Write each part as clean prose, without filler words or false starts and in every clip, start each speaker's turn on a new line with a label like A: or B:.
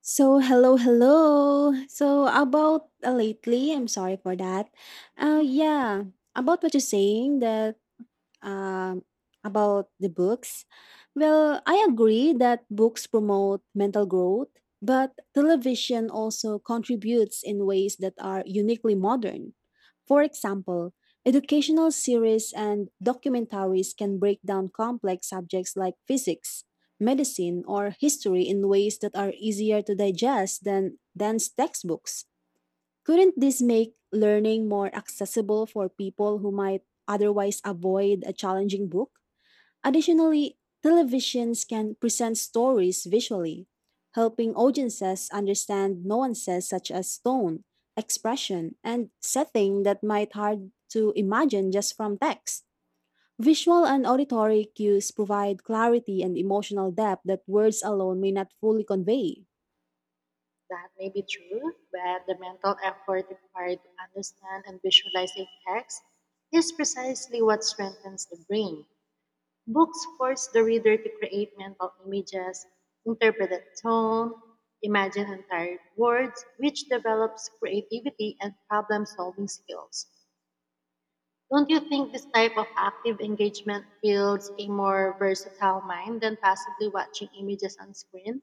A: So hello, hello. So about lately, I'm sorry for that. Yeah, about what you're saying that um, about the books. Well, I agree that books promote mental growth, but television also contributes in ways that are uniquely modern. For example, educational series and documentaries can break down complex subjects like physics, medicine, or history in ways that are easier to digest than dense textbooks. Couldn't this make learning more accessible for people who might otherwise avoid a challenging book? Additionally, televisions can present stories visually, helping audiences understand nuances such as tone, expression, and setting that might hard to imagine just from text. Visual and auditory cues provide clarity and emotional depth that words alone may not fully convey.
B: That may be true, but the mental effort required to understand and visualize a text is precisely what strengthens the brain. Books force the reader to create mental images, interpret the tone, imagine entire words, which develops creativity and problem solving skills. Don't you think this type of active engagement builds a more versatile mind than passively watching images on screen?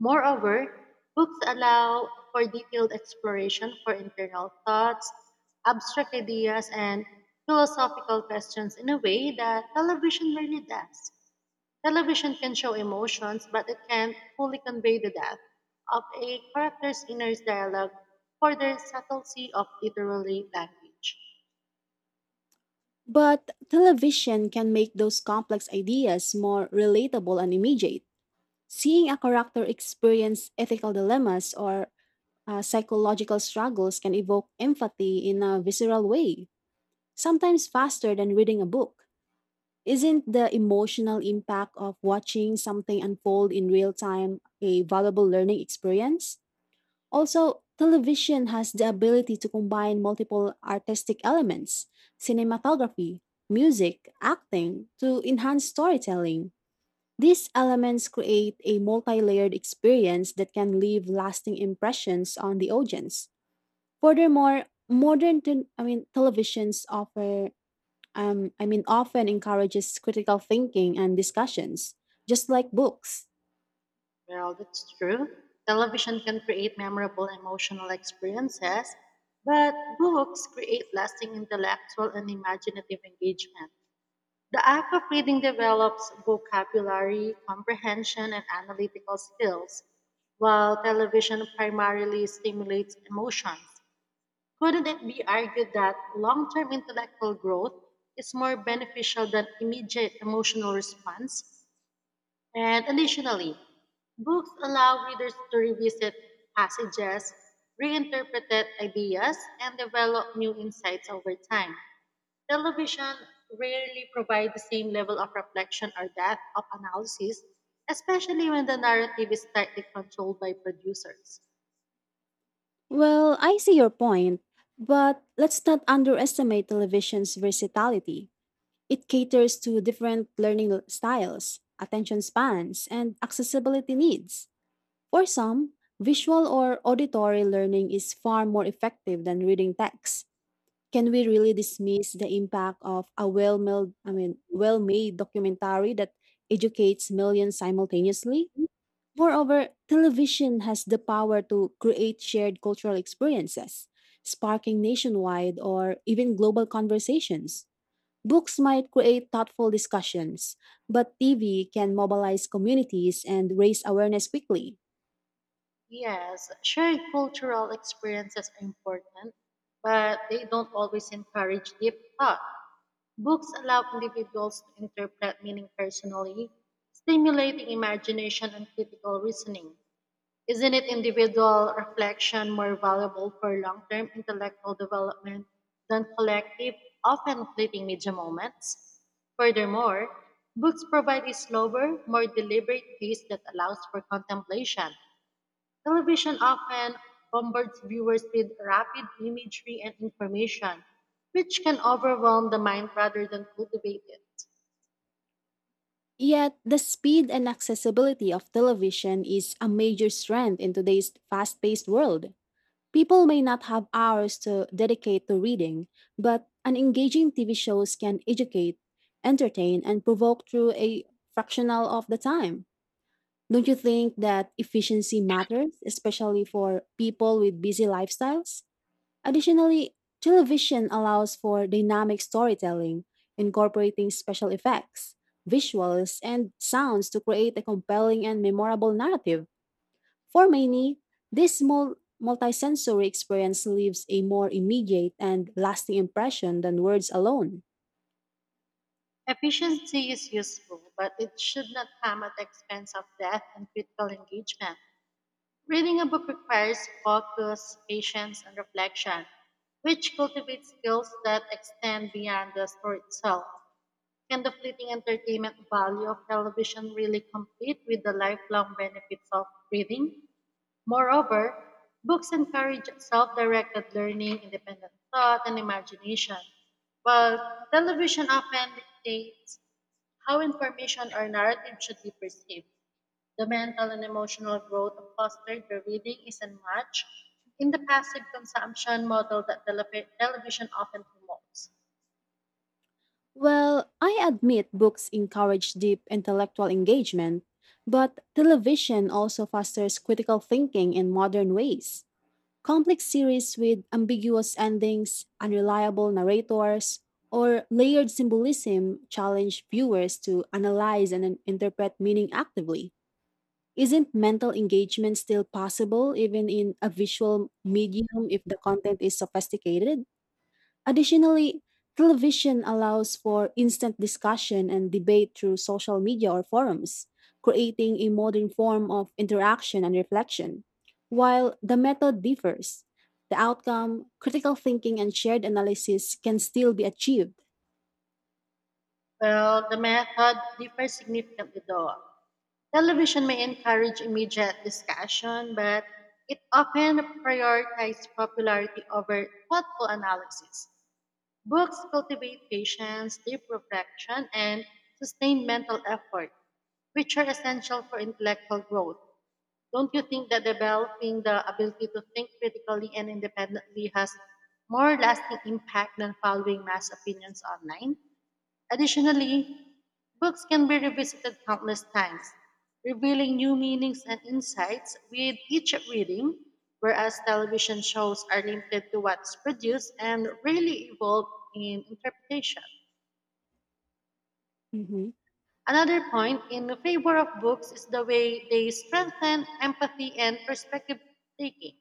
B: Moreover, books allow for detailed exploration for internal thoughts, abstract ideas, and philosophical questions in a way that television rarely does. Television can show emotions, but it can't fully convey the depth of a character's inner dialogue or the subtlety of literary language.
A: But television can make those complex ideas more relatable and immediate. Seeing a character experience ethical dilemmas or psychological struggles can evoke empathy in a visceral way, sometimes faster than reading a book. Isn't the emotional impact of watching something unfold in real time a valuable learning experience? Also, television has the ability to combine multiple artistic elements cinematography, music, acting to enhance storytelling. These elements create a multi layered experience that can leave lasting impressions on the audience. Furthermore, modern te- I mean, televisions offer, often encourages critical thinking and discussions, just like books.
B: Well, that's true. Television can create memorable emotional experiences, but books create lasting intellectual and imaginative engagement. The act of reading develops vocabulary, comprehension, and analytical skills, while television primarily stimulates emotions. Couldn't it be argued that long term intellectual growth is more beneficial than immediate emotional response? And additionally, books allow readers to revisit passages, reinterpret ideas, and develop new insights over time. Television rarely provides the same level of reflection or depth of analysis, especially when the narrative is tightly controlled by producers.
A: Well, I see your point, but let's not underestimate television's versatility. It caters to different styles, attention spans, and accessibility needs. For some, visual or auditory learning is far more effective than reading text. Can we really dismiss the impact of a well-made documentary that educates millions simultaneously? Moreover, television has the power to create shared cultural experiences, sparking nationwide or even global conversations. Books might create thoughtful discussions, but TV can mobilize communities and raise awareness quickly.
B: Yes, shared cultural experiences are important, but they don't always encourage deep thought. Books allow individuals to interpret meaning personally, stimulating imagination and critical reasoning. Isn't it individual reflection more valuable for long term intellectual development than collective, often fleeting media moments? Furthermore, books provide a slower, more deliberate pace that allows for contemplation. Television often bombards viewers with rapid imagery and information, which can overwhelm the mind rather than cultivate it.
A: Yet, the speed and accessibility of television is a major strength in today's fast paced world. People may not have hours to dedicate to reading, but an engaging TV shows can educate, entertain, and provoke through a fractional of the time. Don't you think that efficiency matters, especially for people with busy lifestyles? Additionally, television allows for dynamic storytelling, incorporating special effects, visuals, and sounds to create a compelling and memorable narrative. For many, this multisensory experience leaves a more immediate and lasting impression than words alone.
B: Efficiency is useful, but it should not come at the expense of depth and critical engagement. Reading a book requires focus, patience, and reflection, which cultivates skills that extend beyond the story itself. Can the fleeting entertainment value of television really compete with the lifelong benefits of reading? Moreover, books encourage self directed learning, independent thought, and imagination, while television often dictates how information or narrative should be perceived. The mental and emotional growth fostered by reading isn't much in the passive consumption model that television often promotes.
A: Well, I admit books encourage deep intellectual engagement, but television also fosters critical thinking in modern ways. Complex series with ambiguous endings, unreliable narrators, or layered symbolism challenge viewers to analyze and interpret meaning actively. Isn't mental engagement still possible even in a visual medium if the content is sophisticated? Additionally, television allows for instant discussion and debate through social media or forums, creating a modern form of interaction and reflection. While the method differs, the outcome, critical thinking, and shared analysis can still be achieved.
B: Well, the method differs significantly though. Television may encourage immediate discussion, but it often prioritizes popularity over thoughtful analysis. Books cultivate patience, deep reflection, and sustained mental effort, which are essential for intellectual growth. Don't you think that developing the ability to think critically and independently has more lasting impact than following mass opinions online? Additionally, books can be revisited countless times, revealing new meanings and insights with each reading, whereas television shows are limited to what's produced and rarely evolve in interpretation. Another point in favor of books is the way they strengthen empathy and perspective taking.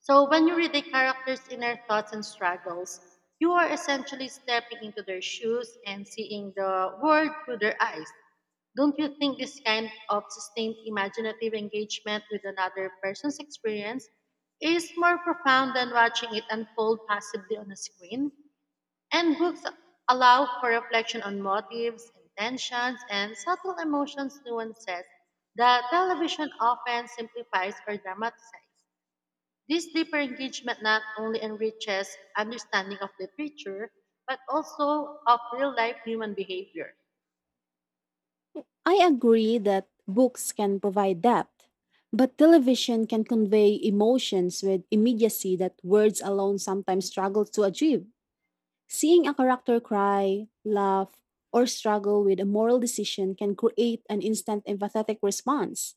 B: So when you read the character's inner thoughts and struggles, you are essentially stepping into their shoes and seeing the world through their eyes. Don't you think this kind of sustained imaginative engagement with another person's experience is more profound than watching it unfold passively on a screen? And books allow for reflection on motives, intentions, and subtle emotions nuances that television often simplifies or dramatizes. This deeper engagement not only enriches understanding of literature, but also of real life human behavior.
A: I agree that books can provide depth, but television can convey emotions with immediacy that words alone sometimes struggle to achieve. Seeing a character cry, laugh, or struggle with a moral decision can create an instant empathetic response.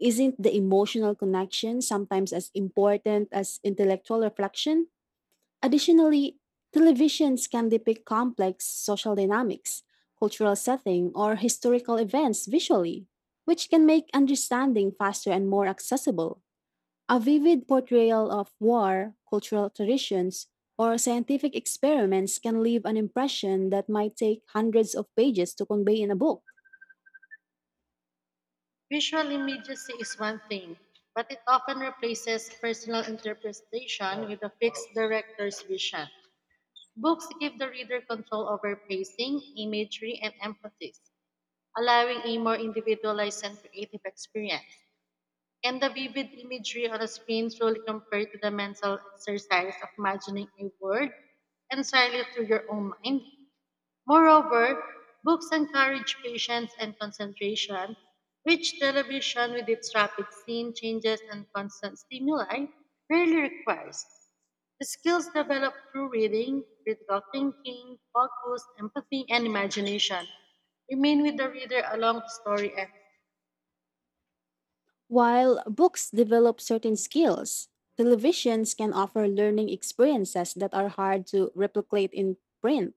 A: Isn't the emotional connection sometimes as important as intellectual reflection? Additionally, televisions can depict complex social dynamics, cultural setting, or historical events visually, which can make understanding faster and more accessible. A vivid portrayal of war, cultural traditions, or scientific experiments can leave an impression that might take hundreds of pages to convey in a book.
B: Visual immediacy is one thing, but it often replaces personal interpretation with a fixed director's vision. Books give the reader control over pacing, imagery, and emphasis, allowing a more individualized and creative experience. And the vivid imagery on the screen truly compared to the mental exercise of imagining a world entirely through your own mind. Moreover, books encourage patience and concentration, which television, with its rapid scene changes and constant stimuli, rarely requires. The skills developed through reading, critical thinking, focus, empathy, and imagination remain with the reader along the story and
A: While books develop certain skills, televisions can offer learning experiences that are hard to replicate in print.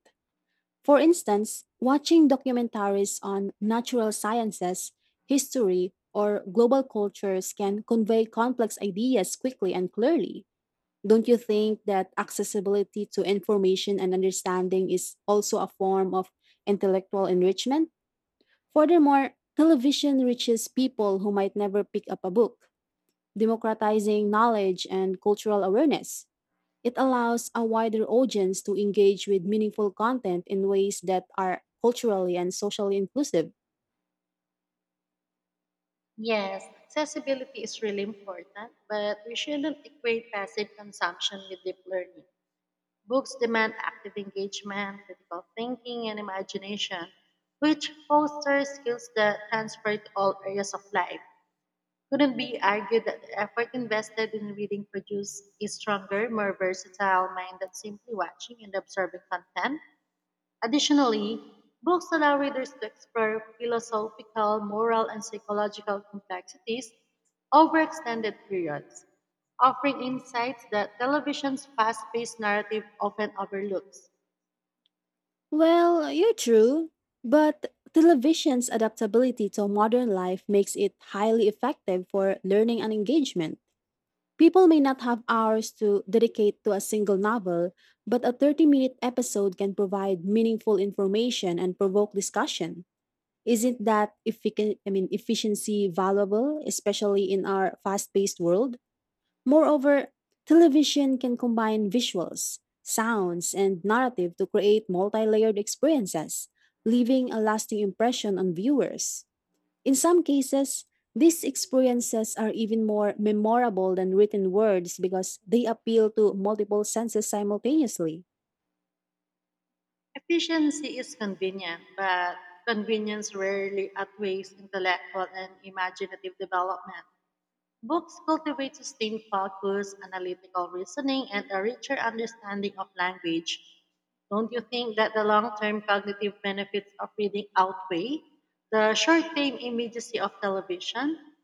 A: For instance, watching documentaries on natural sciences, history, or global cultures can convey complex ideas quickly and clearly. Don't you think that accessibility to information and understanding is also a form of intellectual enrichment? Furthermore, television reaches people who might never pick up a book, democratizing knowledge and cultural awareness. It allows a wider audience to engage with meaningful content in ways that are culturally and socially inclusive.
B: Yes, accessibility is really important, but we shouldn't equate passive consumption with deep learning. Books demand active engagement, critical thinking, and imagination, which foster skills that transfer to all areas of life. Couldn't be argued that the effort invested in reading produces a stronger, more versatile mind than simply watching and observing content? Additionally, books allow readers to explore philosophical, moral, and psychological complexities over extended periods, offering insights that television's fast paced narrative often overlooks.
A: Well, you're true, but television's adaptability to modern life makes it highly effective for learning and engagement. People may not have hours to dedicate to a single novel, but a 30-minute episode can provide meaningful information and provoke discussion. Isn't that efficiency valuable, especially in our fast paced world? Moreover, television can combine visuals, sounds, and narrative to create multi layered experiences, leaving a lasting impression on viewers. In some cases, these experiences are even more memorable than written words because they appeal to multiple senses simultaneously.
B: Efficiency is convenient, but convenience rarely outweighs intellectual and imaginative development. Books cultivate sustained focus, analytical reasoning, and a richer understanding of language. Don't you think that the long term cognitive benefits of reading outweigh the short term immediacy of television?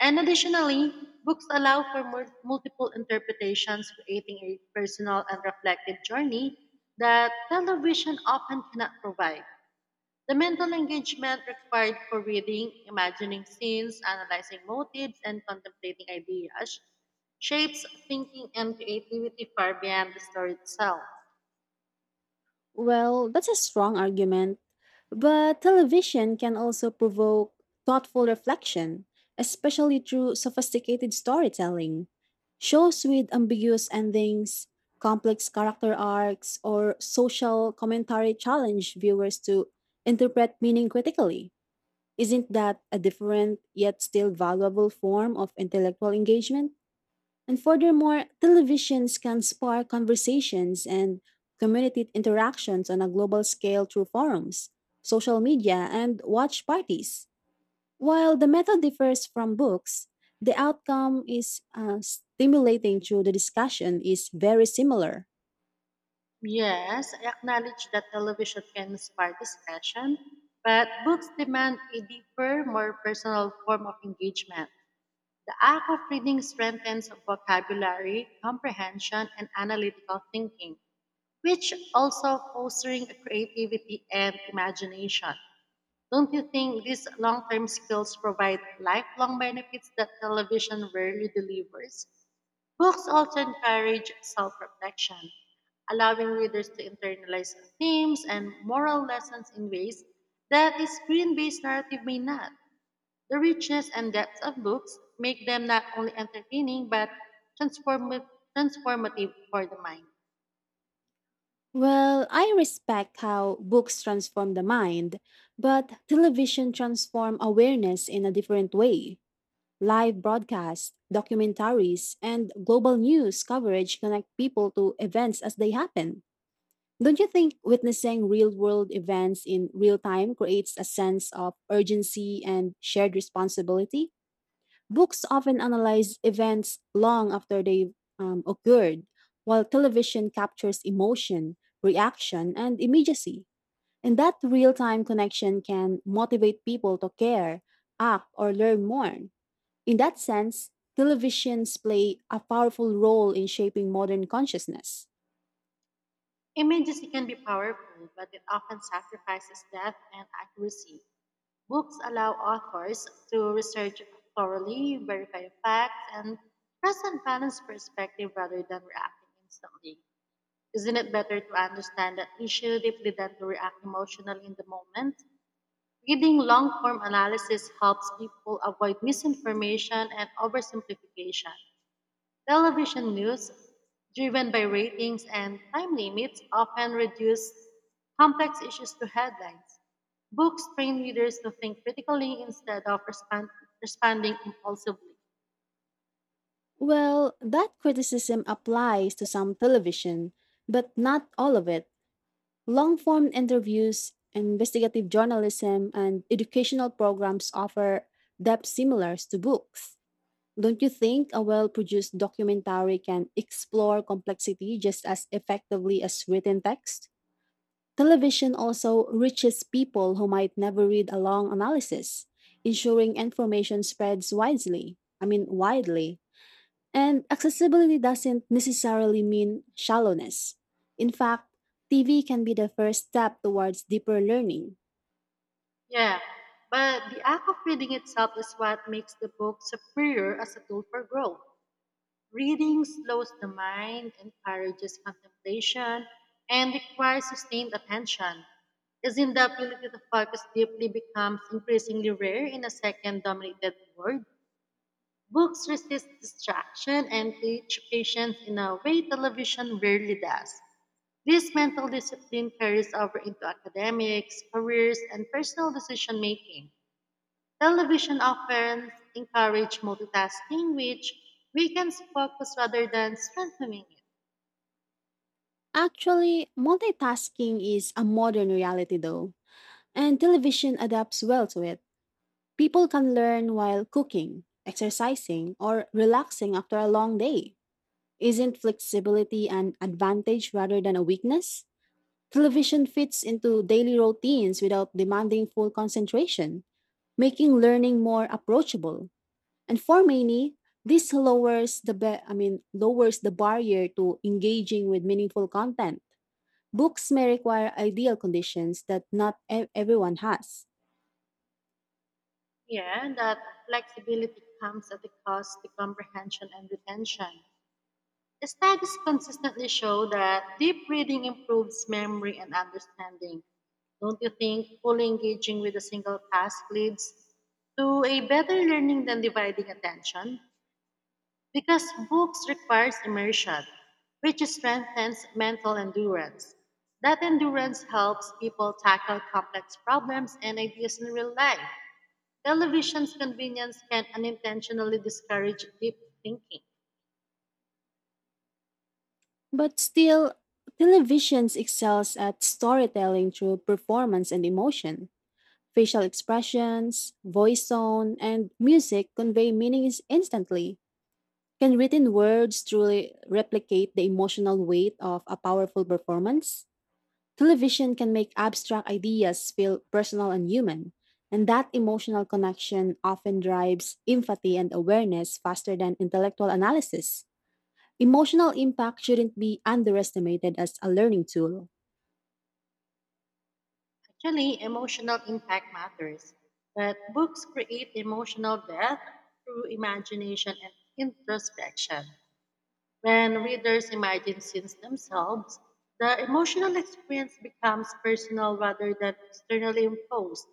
B: And additionally, books allow for multiple interpretations, creating a personal and reflective journey that television often cannot provide. The mental engagement required for reading, imagining scenes, analyzing motives, and contemplating ideas shapes thinking and creativity far beyond the story itself.
A: Well, that's a strong argument. But television can also provoke thoughtful reflection, especially through sophisticated storytelling. Shows with ambiguous endings, complex character arcs, or social commentary challenge viewers to interpret meaning critically. Isn't that a different yet still valuable form of intellectual engagement? And furthermore, televisions can spark conversations and community interactions on a global scale through forums, social media, and watch parties. While the method differs from books, the outcome is stimulating through the discussion is very similar.
B: Yes, I acknowledge that television can inspire discussion, but books demand a deeper, more personal form of engagement. The act of reading strengthens vocabulary, comprehension, and analytical thinking, which also fostering creativity and imagination. Don't you think these long term skills provide lifelong benefits that television rarely delivers? Books also encourage self reflection, allowing readers to internalize themes and moral lessons in ways that a screen based narrative may not. The richness and depth of books make them not only entertaining but transformi- transformative for the mind.
A: Well, I respect how books transform the mind, but television transform awareness in a different way. Live broadcasts, documentaries, and global news coverage connect people to events as they happen. Don't you think witnessing real world events in real time creates a sense of urgency and shared responsibility? Books often analyze events long after they've occurred, while television captures emotion, reaction, and immediacy. And that real time connection can motivate people to care, act, or learn more. In that sense, televisions play a powerful role in shaping modern consciousness.
B: Images can be powerful, but it often sacrifices depth and accuracy. Books allow authors to research thoroughly, verify facts, and present balanced perspective rather than reacting instantly. Isn't it better to understand an issue deeply than to react emotionally in the moment? Reading long form analysis helps people avoid misinformation and oversimplification. Television news, driven by ratings and time limits, often reduce complex issues to headlines. Books train readers to think critically instead of respond, responding impulsively.
A: Well, that criticism applies to some television, but not all of it. Long form interviews, investigative journalism, and educational programs offer depth similar to books. Don't you think a well produced documentary can explore complexity just as effectively as written text? Television also reaches people who might never read a long analysis, ensuring information spreads widely. And accessibility doesn't necessarily mean shallowness. In fact, TV can be the first step towards deeper learning.
B: Yeah, but the act of reading itself is what makes the book superior as a tool for growth. Reading slows the mind, encourages contemplation, and requires sustained attention. As not the ability to focus deeply becomes increasingly rare in a second dominated world? Books resist distraction and teach patience in a way television rarely does. This mental discipline carries over into academics, careers, and personal decision making. Television often encourage multitasking, which weakens focus rather than strengthening it.
A: Actually, multitasking is a modern reality though, and television adapts well to it. People can learn while cooking, exercising, or relaxing after a long day. Isn't flexibility an advantage rather than a weakness? Television fits into daily routines without demanding full concentration, making learning more approachable. And for many, this lowers the barrier to engaging with meaningful content. Books may require ideal conditions that not everyone has.
B: Yeah, and that flexibility comes at the cost to comprehension and retention. Studies consistently show that deep reading improves memory and understanding. Don't you think fully engaging with a single task leads to a better learning than dividing attention? Because books requires immersion, which strengthens mental endurance. That endurance helps people tackle complex problems and ideas in real life. Television's convenience can unintentionally discourage deep thinking.
A: But still, television excels at storytelling through performance and emotion Facial expressions, voice tone, and music convey meanings instantly. Can written words truly replicate the emotional weight of a powerful performance? Television can make abstract ideas feel personal and human, and that emotional connection often drives empathy and awareness faster than intellectual analysis. Emotional impact shouldn't be underestimated as a learning tool.
B: Actually, emotional impact matters, but books create emotional depth through imagination and introspection. When readers imagine scenes themselves, the emotional experience becomes personal rather than externally imposed.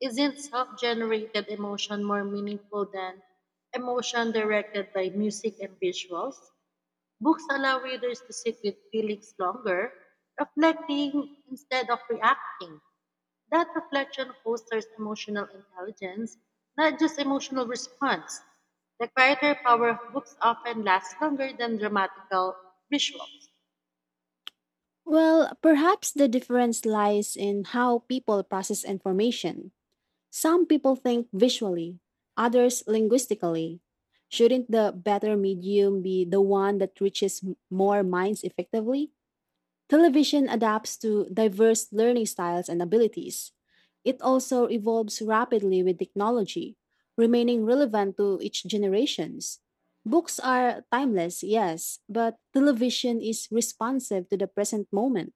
B: Isn't self generated emotion more meaningful than emotion directed by music and visuals? Books allow readers to sit with feelings longer, reflecting instead of reacting. That reflection fosters emotional intelligence, not just emotional response. The character power of books often lasts longer than dramatical visuals.
A: Well, perhaps the difference lies in how people process information. Some people think visually, others linguistically. Shouldn't the better medium be the one that reaches more minds effectively? Television adapts to diverse learning styles and abilities. It also evolves rapidly with technology, remaining relevant to each generations. Books are timeless, yes, but television is responsive to the present moment.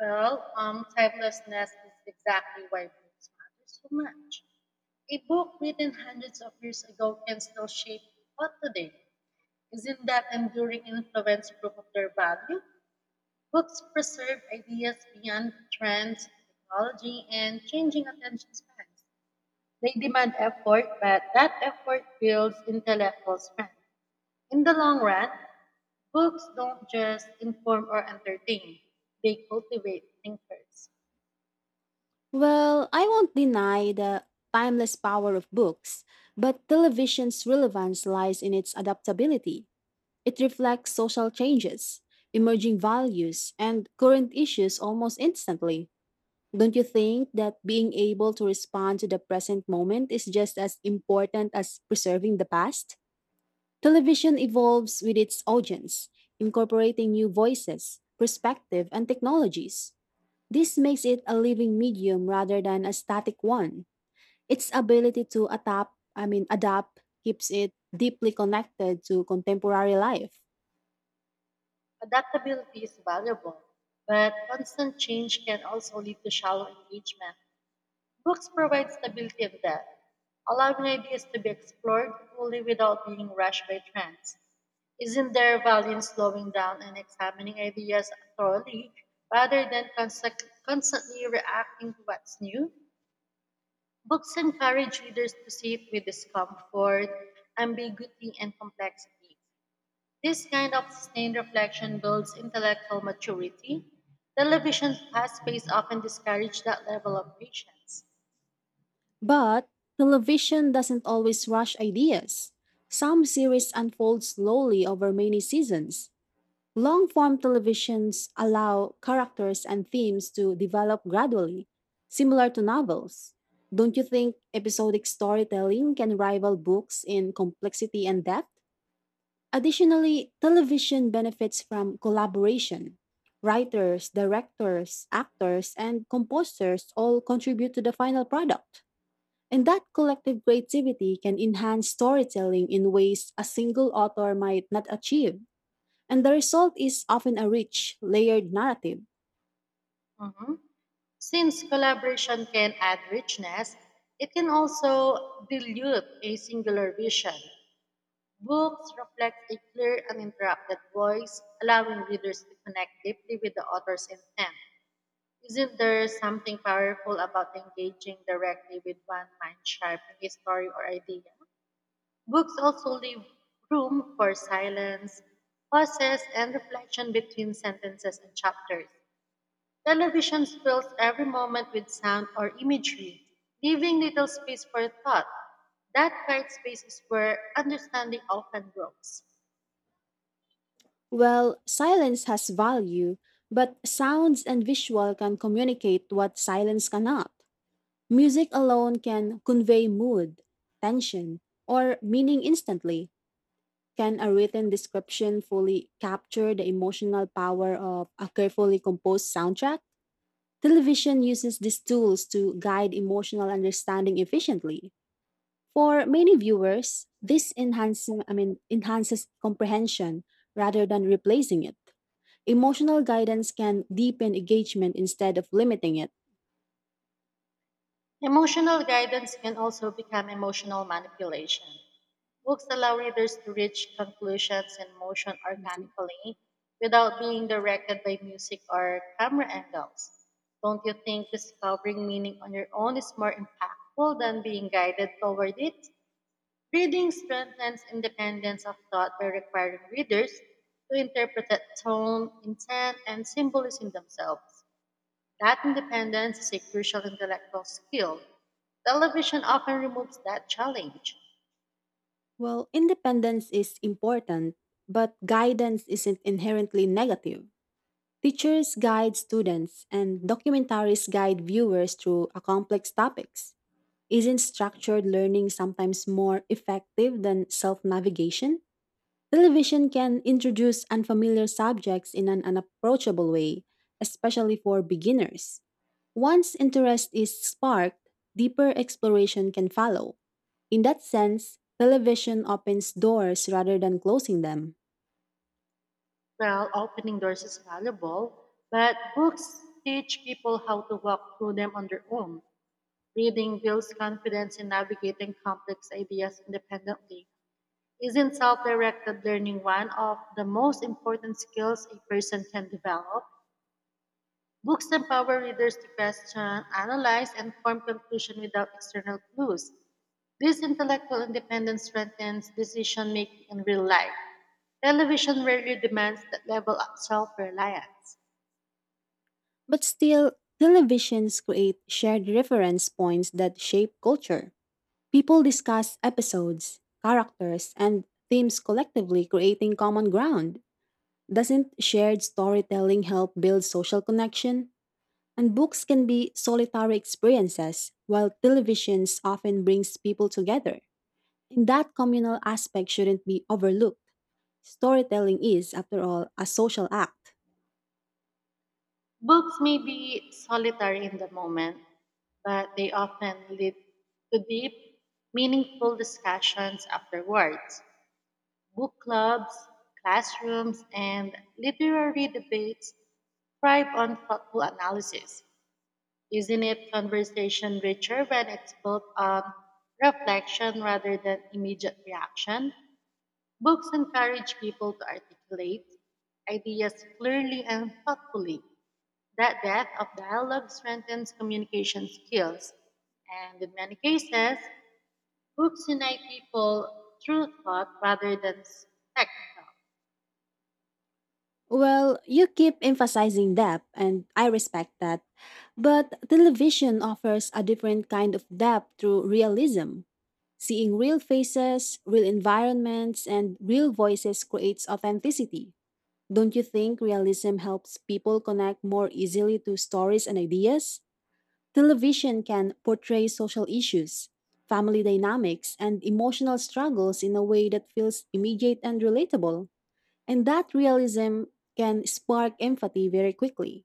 B: Timelessness is exactly why books matter so much. A book written hundreds of years ago can still shape thought today. Isn't that enduring influence proof of their value? Books preserve ideas beyond trends, technology, and changing attention spans. They demand effort, but that effort builds intellectual strength. In the long run, books don't just inform or entertain, they cultivate thinkers.
A: Well, I won't deny the timeless power of books, but television's relevance lies in its adaptability. It reflects social changes, emerging values, and current issues almost instantly. Don't you think that being able to respond to the present moment is just as important as preserving the past? Television evolves with its audience, incorporating new voices, perspective, and technologies. This makes it a living medium rather than a static one. Its ability to adapt, I mean adapt, keeps it deeply connected to contemporary life.
B: Adaptability is valuable, but constant change can also lead to shallow engagement. Books provide stability of that, allowing ideas to be explored fully without being rushed by trends. Isn't there value in slowing down and examining ideas thoroughly rather than constantly reacting to what's new? Books encourage readers to sit with discomfort, ambiguity, and complexity. This kind of sustained reflection builds intellectual maturity. Television's fast pace often discourages that level of patience.
A: But television doesn't always rush ideas. Some series unfold slowly over many seasons. Long-form televisions allow characters and themes to develop gradually, similar to novels. Don't you think episodic storytelling can rival books in complexity and depth? Additionally, television benefits from collaboration. Writers, directors, actors, and composers all contribute to the final product. And that collective creativity can enhance storytelling in ways a single author might not achieve. And the result is often a rich, layered narrative.
B: Mhm. Since collaboration can add richness, it can also dilute a singular vision. Books reflect a clear, uninterrupted voice, allowing readers to connect deeply with the author's intent. Isn't there something powerful about engaging directly with one mind sharpening a story or idea? Books also leave room for silence, pauses, and reflection between sentences and chapters. Television fills every moment with sound or imagery, leaving little space for thought. That quiet space is where understanding often grows.
A: Well, silence has value, but sounds and visual can communicate what silence cannot. Music alone can convey mood, tension, or meaning instantly. Can a written description fully capture the emotional power of a carefully composed soundtrack? Television uses these tools to guide emotional understanding efficiently. For many viewers, this enhances comprehension rather than replacing it. Emotional guidance can deepen engagement instead of limiting it.
B: Emotional guidance can also become emotional manipulation. Books allow readers to reach conclusions and motion organically without being directed by music or camera angles. Don't you think discovering meaning on your own is more impactful than being guided toward it? Reading strengthens independence of thought by requiring readers to interpret the tone, intent, and symbolism themselves. That independence is a crucial intellectual skill. Television often removes that challenge.
A: Well, independence is important, but guidance isn't inherently negative. Teachers guide students, and documentaries guide viewers through a complex topics. Isn't structured learning sometimes more effective than self navigation? Television can introduce unfamiliar subjects in an unapproachable way, especially for beginners. Once interest is sparked, deeper exploration can follow. In that sense, television opens doors rather than closing them.
B: While opening doors is valuable, but books teach people how to walk through them on their own. Reading builds confidence in navigating complex ideas independently. Isn't self directed learning one of the most important skills a person can develop? Books empower readers to question, analyze, and form conclusions without external clues. This intellectual independence strengthens decision making in real life. Television rarely demands that level of self reliance.
A: But still, televisions create shared reference points that shape culture. People discuss episodes, characters, and themes collectively, creating common ground. Doesn't shared storytelling help build social connection? And books can be solitary experiences, while televisions often brings people together. And that communal aspect shouldn't be overlooked. Storytelling is, after all, a social act.
B: Books may be solitary in the moment, but they often lead to deep, meaningful discussions afterwards. Book clubs, classrooms, and literary debates thrive on thoughtful analysis. Isn't it conversation richer when it's built on reflection rather than immediate reaction? Books encourage people to articulate ideas clearly and thoughtfully. That depth of dialogue strengthens communication skills. And in many cases, books unite people through thought rather than spectacle.
A: Well, you keep emphasizing depth, and I respect that. But television offers a different kind of depth through realism. Seeing real faces, real environments, and real voices creates authenticity. Don't you think realism helps people connect more easily to stories and ideas? Television can portray social issues, family dynamics, and emotional struggles in a way that feels immediate and relatable. And that realism can spark empathy very quickly.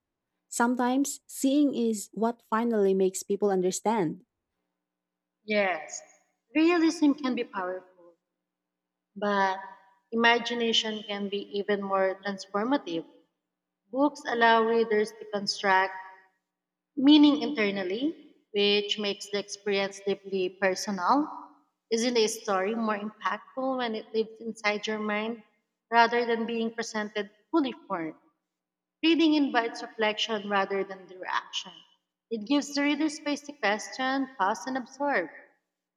A: Sometimes seeing is what finally makes people understand.
B: Yes, realism can be powerful, but imagination can be even more transformative. Books allow readers to construct meaning internally, which makes the experience deeply personal. Isn't a story more impactful when it lives inside your mind rather than being presented fully formed? Reading invites reflection rather than mere action. It gives the reader space to question, pause, and absorb.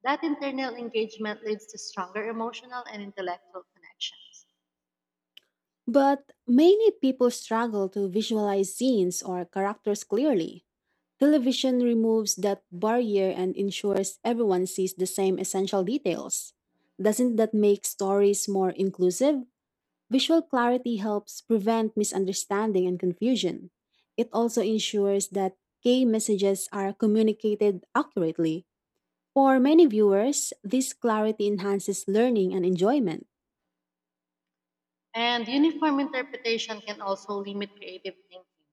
B: That internal engagement leads to stronger emotional and intellectual connections.
A: But many people struggle to visualize scenes or characters clearly. Television removes that barrier and ensures everyone sees the same essential details. Doesn't that make stories more inclusive? Visual clarity helps prevent misunderstanding and confusion. It also ensures that key messages are communicated accurately. For many viewers, this clarity enhances learning and enjoyment.
B: And uniform interpretation can also limit creative thinking.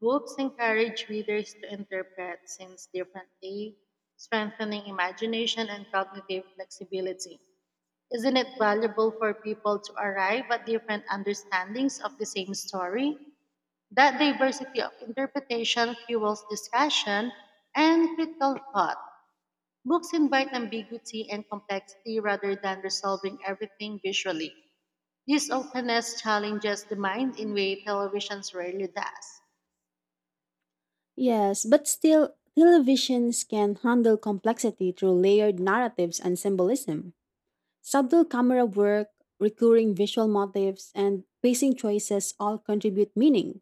B: Books encourage readers to interpret scenes differently, strengthening imagination and cognitive flexibility. Isn't it valuable for people to arrive at different understandings of the same story? That diversity of interpretation fuels discussion and critical thought. Books invite ambiguity and complexity rather than resolving everything visually. This openness challenges the mind in way televisions rarely does.
A: Yes, but still, televisions can handle complexity through layered narratives and symbolism. Subtle camera work, recurring visual motifs, and pacing choices all contribute meaning.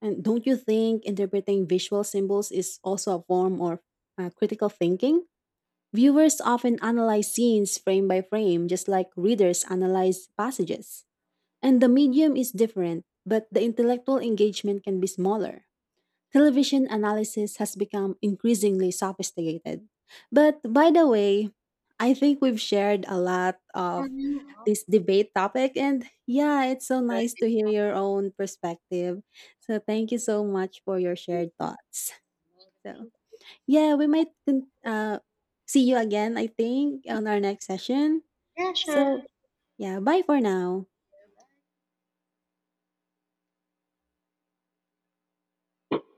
A: And don't you think interpreting visual symbols is also a form of critical thinking? Viewers often analyze scenes frame by frame, just like readers analyze passages. And the medium is different, but the intellectual engagement can be smaller. Television analysis has become increasingly sophisticated. But by the way, I think we've shared a lot of
B: And now,
A: this debate topic, and yeah, it's so
B: Jordan,
A: nice to hear your own perspective. So thank you so much for your shared thoughts. So
B: anything?
A: yeah, we might see you again, I think, on our next session.
B: Yeah, sure.
A: So yeah, bye for now.